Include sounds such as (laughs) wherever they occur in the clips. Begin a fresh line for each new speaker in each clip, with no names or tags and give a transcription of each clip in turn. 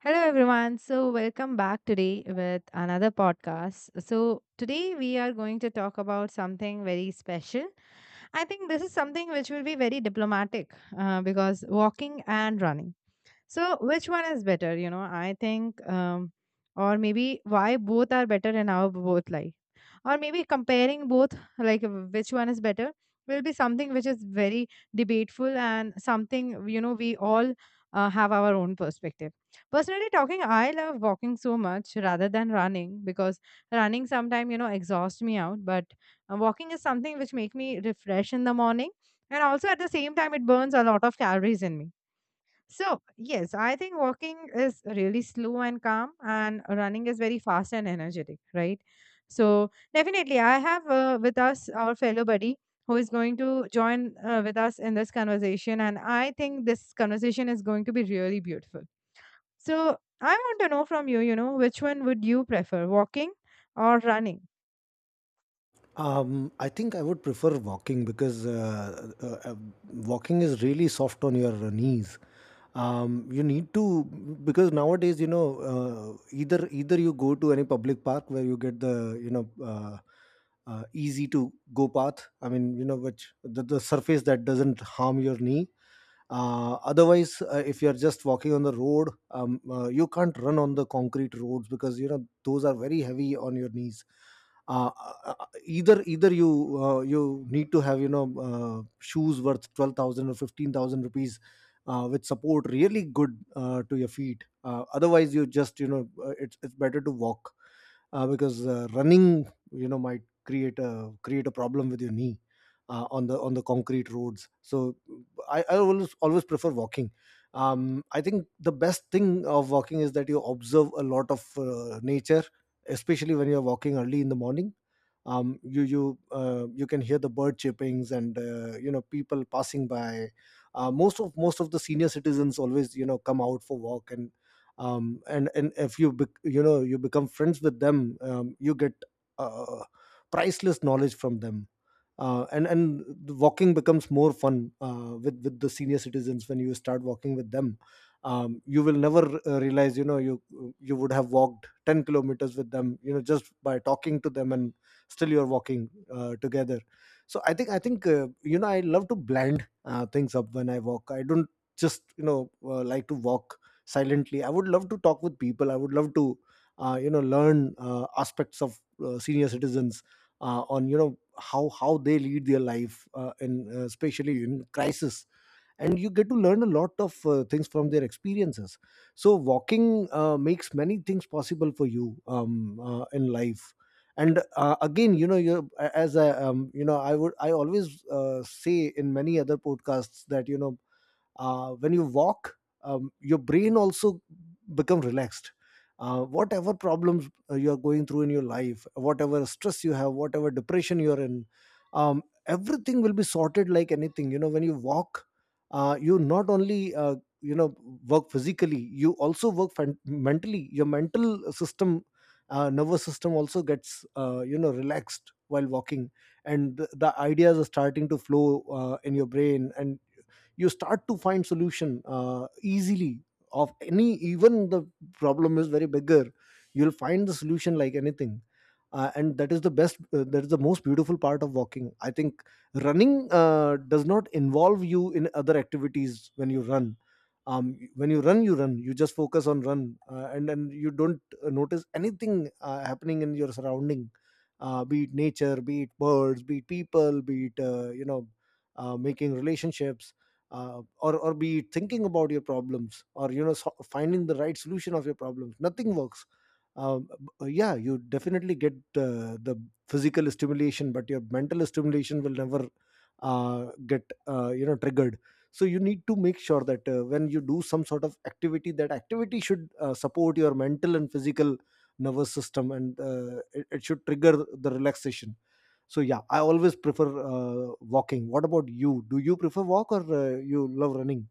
Hello, everyone. So, welcome back today with another podcast. So, today we are going to talk about something very special. I think this is something which will be very diplomatic because walking and running. So, which one is better? You know, I think, or maybe why both are better in our both life, or maybe comparing both, like which one is better, will be something which is very debateful and something you know we all have our own perspective. Personally talking, I love walking so much rather than running because running sometimes you know exhausts me out, but walking is something which make me refresh in the morning, and also at the same time it burns a lot of calories in me. So, yes, I think walking is really slow and calm, and running is very fast and energetic, right? So, definitely, I have with us our fellow buddy who is going to join with us in this conversation, and I think this conversation is going to be really beautiful. So, I want to know from you, you know, which one would you prefer, walking or running?
I think I would prefer walking because walking is really soft on your knees. You need to, because nowadays, you know, either you go to any public park where you get the, you know, easy to go path. I mean, you know, which the surface that doesn't harm your knee. Otherwise, if you're just walking on the road, you can't run on the concrete roads because, you know, those are very heavy on your knees. uh, either you you need to have, you know, shoes worth 12,000 or 15,000 rupees, which support really good to your feet. Otherwise, you just, you know, it's better to walk, because running, you know, might create a problem with your knee, on the concrete roads. So I always prefer walking. I think the best thing of walking is that you observe a lot of nature, especially when you're walking early in the morning. You you can hear the bird chirpings and, you know, people passing by. Most of the senior citizens always, you know, come out for walk. And and if you you know, you become friends with them, you get uh, priceless knowledge from them. And the walking becomes more fun with the senior citizens when you start walking with them. You will never realize, you know, you would have walked 10 kilometers with them, you know, just by talking to them, and still you're walking together. So I think, you know, I love to blend things up when I walk. I don't just, you know, like to walk silently. I would love to talk with people. I would love to you know, learn aspects of senior citizens, on, you know, how they lead their life in especially in crisis. And you get to learn a lot of things from their experiences. So walking makes many things possible for you in life. And again, you know, you, as a you know, I would, I always say in many other podcasts that, you know, when you walk, your brain also become relaxed. Whatever problems you are going through in your life, whatever stress you have, whatever depression you're in, everything will be sorted like anything, you know, when you walk. You not only you know, work physically, you also work mentally. Your mental system, nervous system also gets you know, relaxed while walking. And the ideas are starting to flow in your brain, and you start to find solution easily of any, even the problem is very bigger, you'll find the solution like anything. And that is the best, that is the most beautiful part of walking, I think. Running does not involve you in other activities. When you run, when you run, you run, you just focus on run and you don't notice anything happening in your surrounding, be it nature, be it birds, be it people, be it you know, making relationships, or be it thinking about your problems, or, you know, so finding the right solution of your problems, nothing works. um, yeah, you definitely get the physical stimulation, but your mental stimulation will never get you know, triggered. So you need to make sure that when you do some sort of activity, that activity should support your mental and physical nervous system, and it, it should trigger the relaxation. So yeah, I always prefer walking. What about you? Do you prefer walk, or you love running?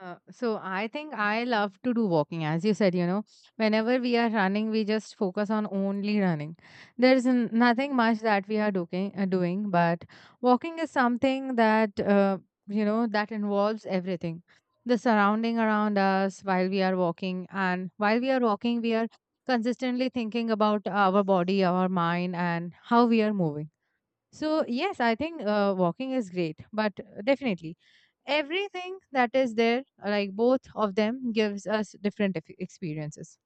So I think I love to do walking. As you said, you know, whenever we are running, we just focus on only running. There's nothing much that we are doing, but walking is something that you know that involves everything, the surrounding around us while we are walking, and while we are walking, we are consistently thinking about our body, our mind, and how we are moving. So yes, I think walking is great, but definitely everything that is there, like both of them gives us different experiences.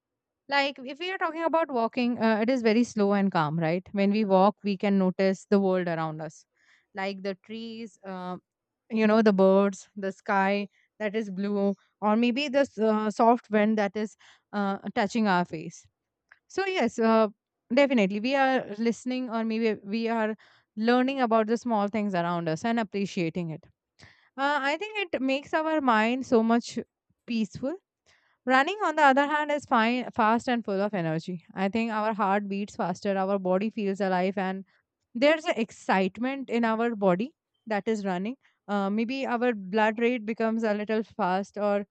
Like if we are talking about walking, it is very slow and calm, right? When we walk we can notice the world around us, like the trees, you know, the birds, the sky that is blue, or maybe the soft wind that is touching our face. So yes, definitely we are listening, or maybe we are learning about the small things around us and appreciating it. I think it makes our mind so much peaceful. Running, on the other hand, is fine, fast and full of energy. I think our heart beats faster, our body feels alive, and there's an excitement in our body that is running. Maybe our blood rate becomes a little fast, or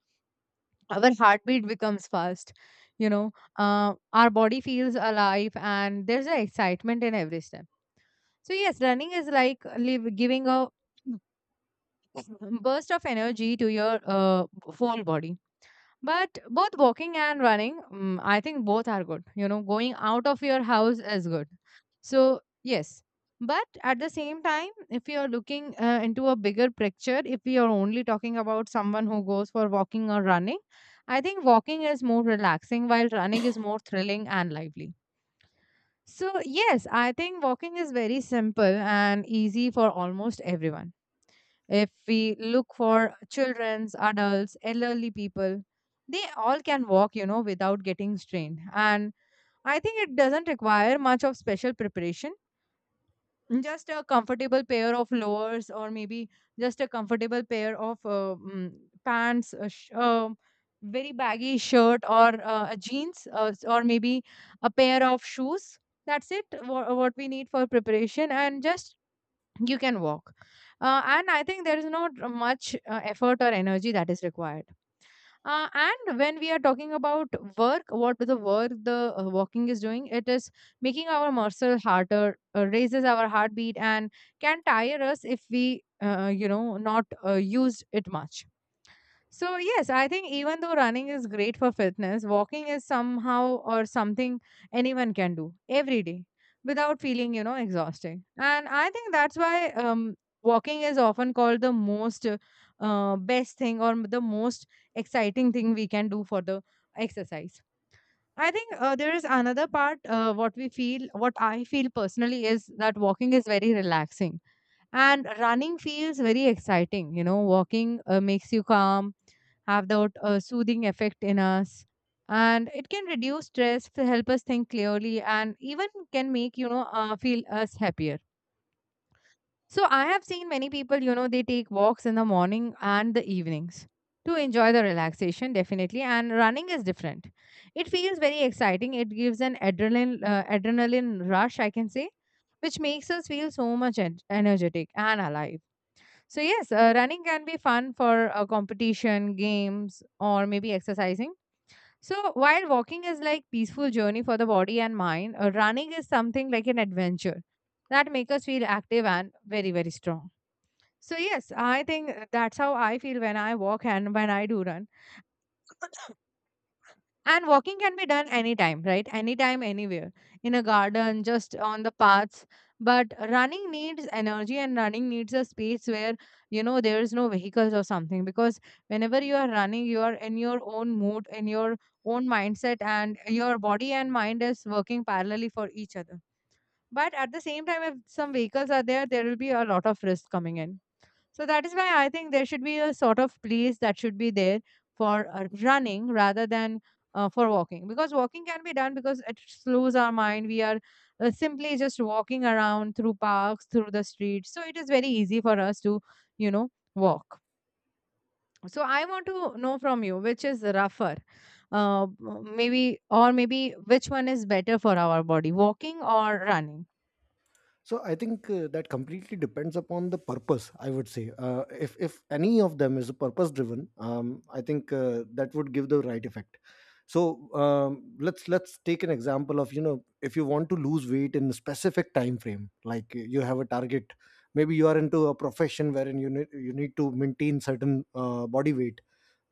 our heartbeat becomes fast. You know, our body feels alive, and there's an excitement in every step. So yes, running is like live, giving a (laughs) (clears throat) burst of energy to your whole body. But both walking and running, I think both are good. You know, going out of your house is good, so yes. But at the same time, if you're looking into a bigger picture, if we are only talking about someone who goes for walking or running, I think walking is more relaxing while running is more thrilling and lively. So yes, I think walking is very simple and easy for almost everyone. If we look for children's, adults, elderly people, they all can walk, you know, without getting strained. And I think it doesn't require much of special preparation. Just a comfortable pair of lowers, or maybe just a comfortable pair of pants, very baggy shirt, or a jeans, or maybe a pair of shoes. That's it. What we need for preparation, and just you can walk. And I think there is not much effort or energy that is required. And when we are talking about work what the work the walking, is doing, it is making our muscle harder, raises our heartbeat, and can tire us if we you know not use it much. So, yes, I think even though running is great for fitness, walking is somehow or something anyone can do every day without feeling, you know, exhausting. And I think that's why, walking is often called the most best thing, or the most exciting thing we can do for the exercise. I think there is another part, what we feel, what I feel personally is that walking is very relaxing and running feels very exciting. You know, walking makes you calm, have that soothing effect in us, and it can reduce stress, to help us think clearly, and even can make you know feel us happier. So I have seen many people, you know, they take walks in the morning and the evenings to enjoy the relaxation, definitely. And running is different. It feels very exciting. It gives an adrenaline rush, I can say, which makes us feel so much energetic and alive. So, yes, running can be fun for a competition, games, or maybe exercising. So, while walking is like peaceful journey for the body and mind, running is something like an adventure that make us feel active and very very strong. So, yes, I think that's how I feel when I walk and when I do run. And walking can be done anytime, right? Anytime, anywhere. In a garden, just on the paths. But running needs energy and running needs a space where, you know, there is no vehicles or something. Because whenever you are running, you are in your own mood, in your own mindset, and your body and mind is working parallelly for each other. But at the same time, if some vehicles are there, there will be a lot of risk coming in. So that is why I think there should be a sort of place that should be there for running rather than for walking, because walking can be done because it slows our mind. We are simply just walking around through parks, through the streets. So it is very easy for us to, you know, walk. So I want to know from you which is rougher, maybe, or maybe which one is better for our body, walking or running.
So I think that completely depends upon the purpose, I would say. If any of them is purpose driven, I think that would give the right effect. So let's take an example of, you know, if you want to lose weight in a specific time frame, like you have a target, maybe you are into a profession wherein you need to maintain certain body weight,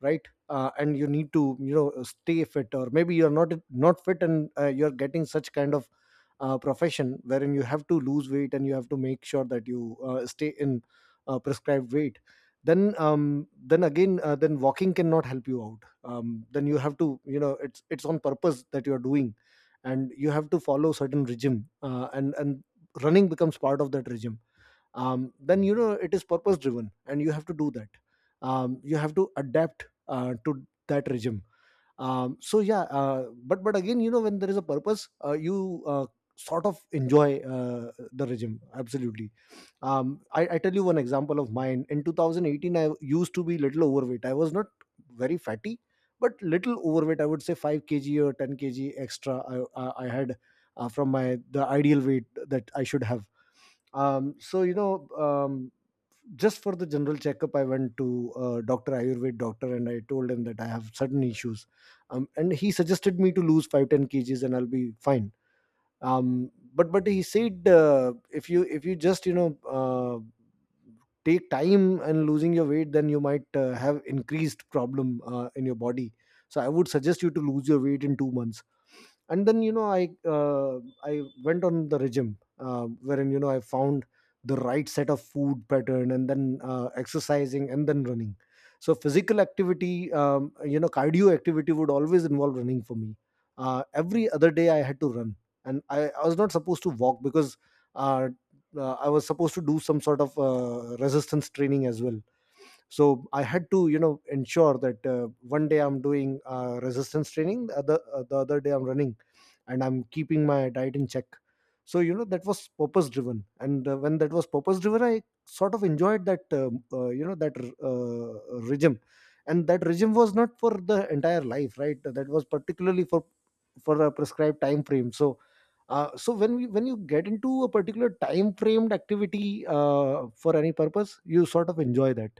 right? And you need to, you know, stay fit, or maybe you're not fit, and you're getting such kind of profession wherein you have to lose weight, and you have to make sure that you stay in prescribed weight. Then then again, then walking cannot help you out. Then you have to, you know, it's on purpose that you're doing, and you have to follow certain regime, and running becomes part of that regime. Then, you know, it is purpose driven, and you have to do that. You have to adapt to that regime. So yeah, but again, you know, when there is a purpose, you sort of enjoy the regime absolutely. I tell you one example of mine. In 2018, I used to be little overweight. I was not very fatty, but little overweight, I would say 5 kg or 10 kg extra I had from my the ideal weight that I should have. So, you know, just for the general checkup, I went to Doctor Ayurved doctor, and I told him that I have certain issues. And he suggested me to lose 5-10 kgs, and I'll be fine. But he said, if you, if you just, you know, take time and losing your weight, then you might have increased problem in your body. So I would suggest you to lose your weight in 2 months. And then, you know, I i went on the regime wherein, you know, I found the right set of food pattern, and then exercising, and then running. So physical activity, um, you know, cardio activity would always involve running for me. Every other day I had to run, and I was not supposed to walk because uh, I was supposed to do some sort of resistance training as well. So I had to, you know, ensure that one day I'm doing resistance training, the other the other day I'm running, and I'm keeping my diet in check. So, you know, that was purpose driven, and when that was purpose driven, I sort of enjoyed that, you know, that regime. And that regime was not for the entire life, right? That was particularly for a prescribed time frame. So so when we when you get into a particular time framed activity for any purpose, you sort of enjoy that.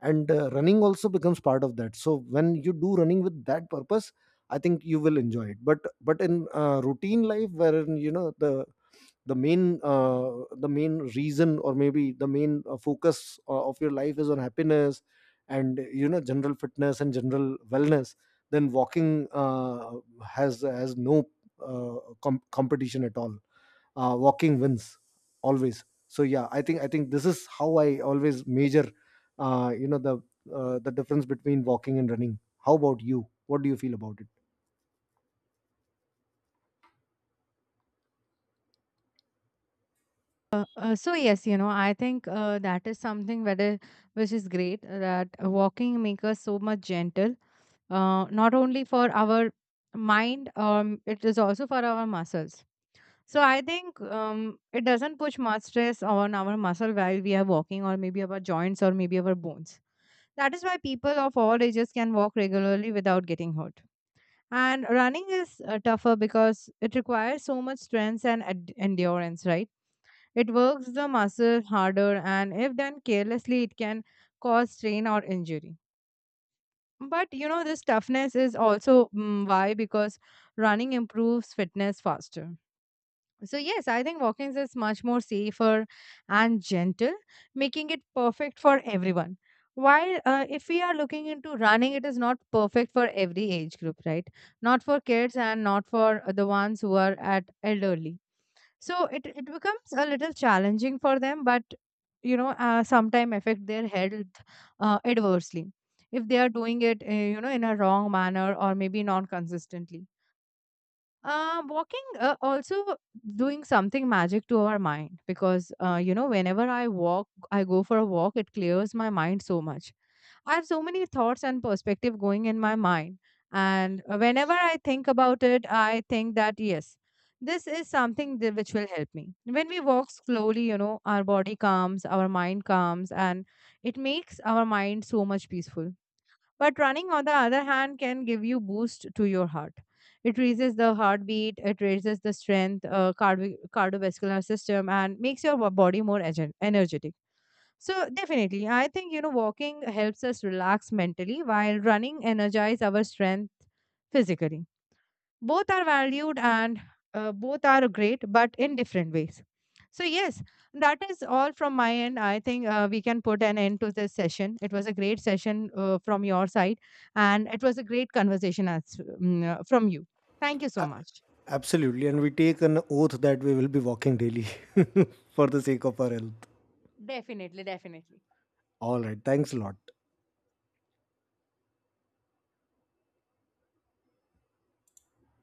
And running also becomes part of that. So when you do running with that purpose, I think you will enjoy it. But in routine life, wherein, you know, the the main uh, the main reason, or maybe the main focus of your life is on happiness and, you know, general fitness and general wellness, then walking has no competition at all. Walking wins always. So yeah, I think this is how I always measure you know, the difference between walking and running. How about you? What do you feel about it?
So yes, you know, I think that is something, whether which is great, that walking makes us so much gentle. Not only for our mind, it is also for our muscles. So I think, it doesn't push much stress on our muscle while we are walking, or maybe our joints, or maybe our bones. That is why people of all ages can walk regularly without getting hurt. And running is tougher because it requires so much strength and endurance, right? It works the muscle harder, and if done carelessly, it can cause strain or injury. But you know, this toughness is also, why, because running improves fitness faster. So, yes, I think Walkins is much more safer and gentle, making it perfect for everyone. While if we are looking into running, it is not perfect for every age group, right? Not for kids and not for the ones who are at elderly. So it becomes a little challenging for them, but you know, sometime affect their health adversely, if they are doing it, you know, in a wrong manner or maybe non consistently. Walking also doing something magic to our mind, because you know, whenever I walk, I go for a walk, it clears my mind so much. I have so many thoughts and perspective going in my mind, and whenever I think about it, I think that yes, this is something that, which will help me. When we walk slowly, you know, our body calms, our mind calms, and it makes our mind so much peaceful. But running, on the other hand, can give you boost to your heart. It raises the heartbeat, it raises the strength, cardiovascular system, and makes your body more energetic. So definitely, I think you know walking helps us relax mentally, while running energize our strength physically. Both are valued, and both are great, but in different ways. So yes, that is all from my end. I think we can put an end to this session. It was a great session from your side, and it was a great conversation, as from you. Thank you so much.
Absolutely. And we take an oath that we will be walking daily (laughs) for the sake of our health.
Definitely, definitely.
All right. Thanks a lot.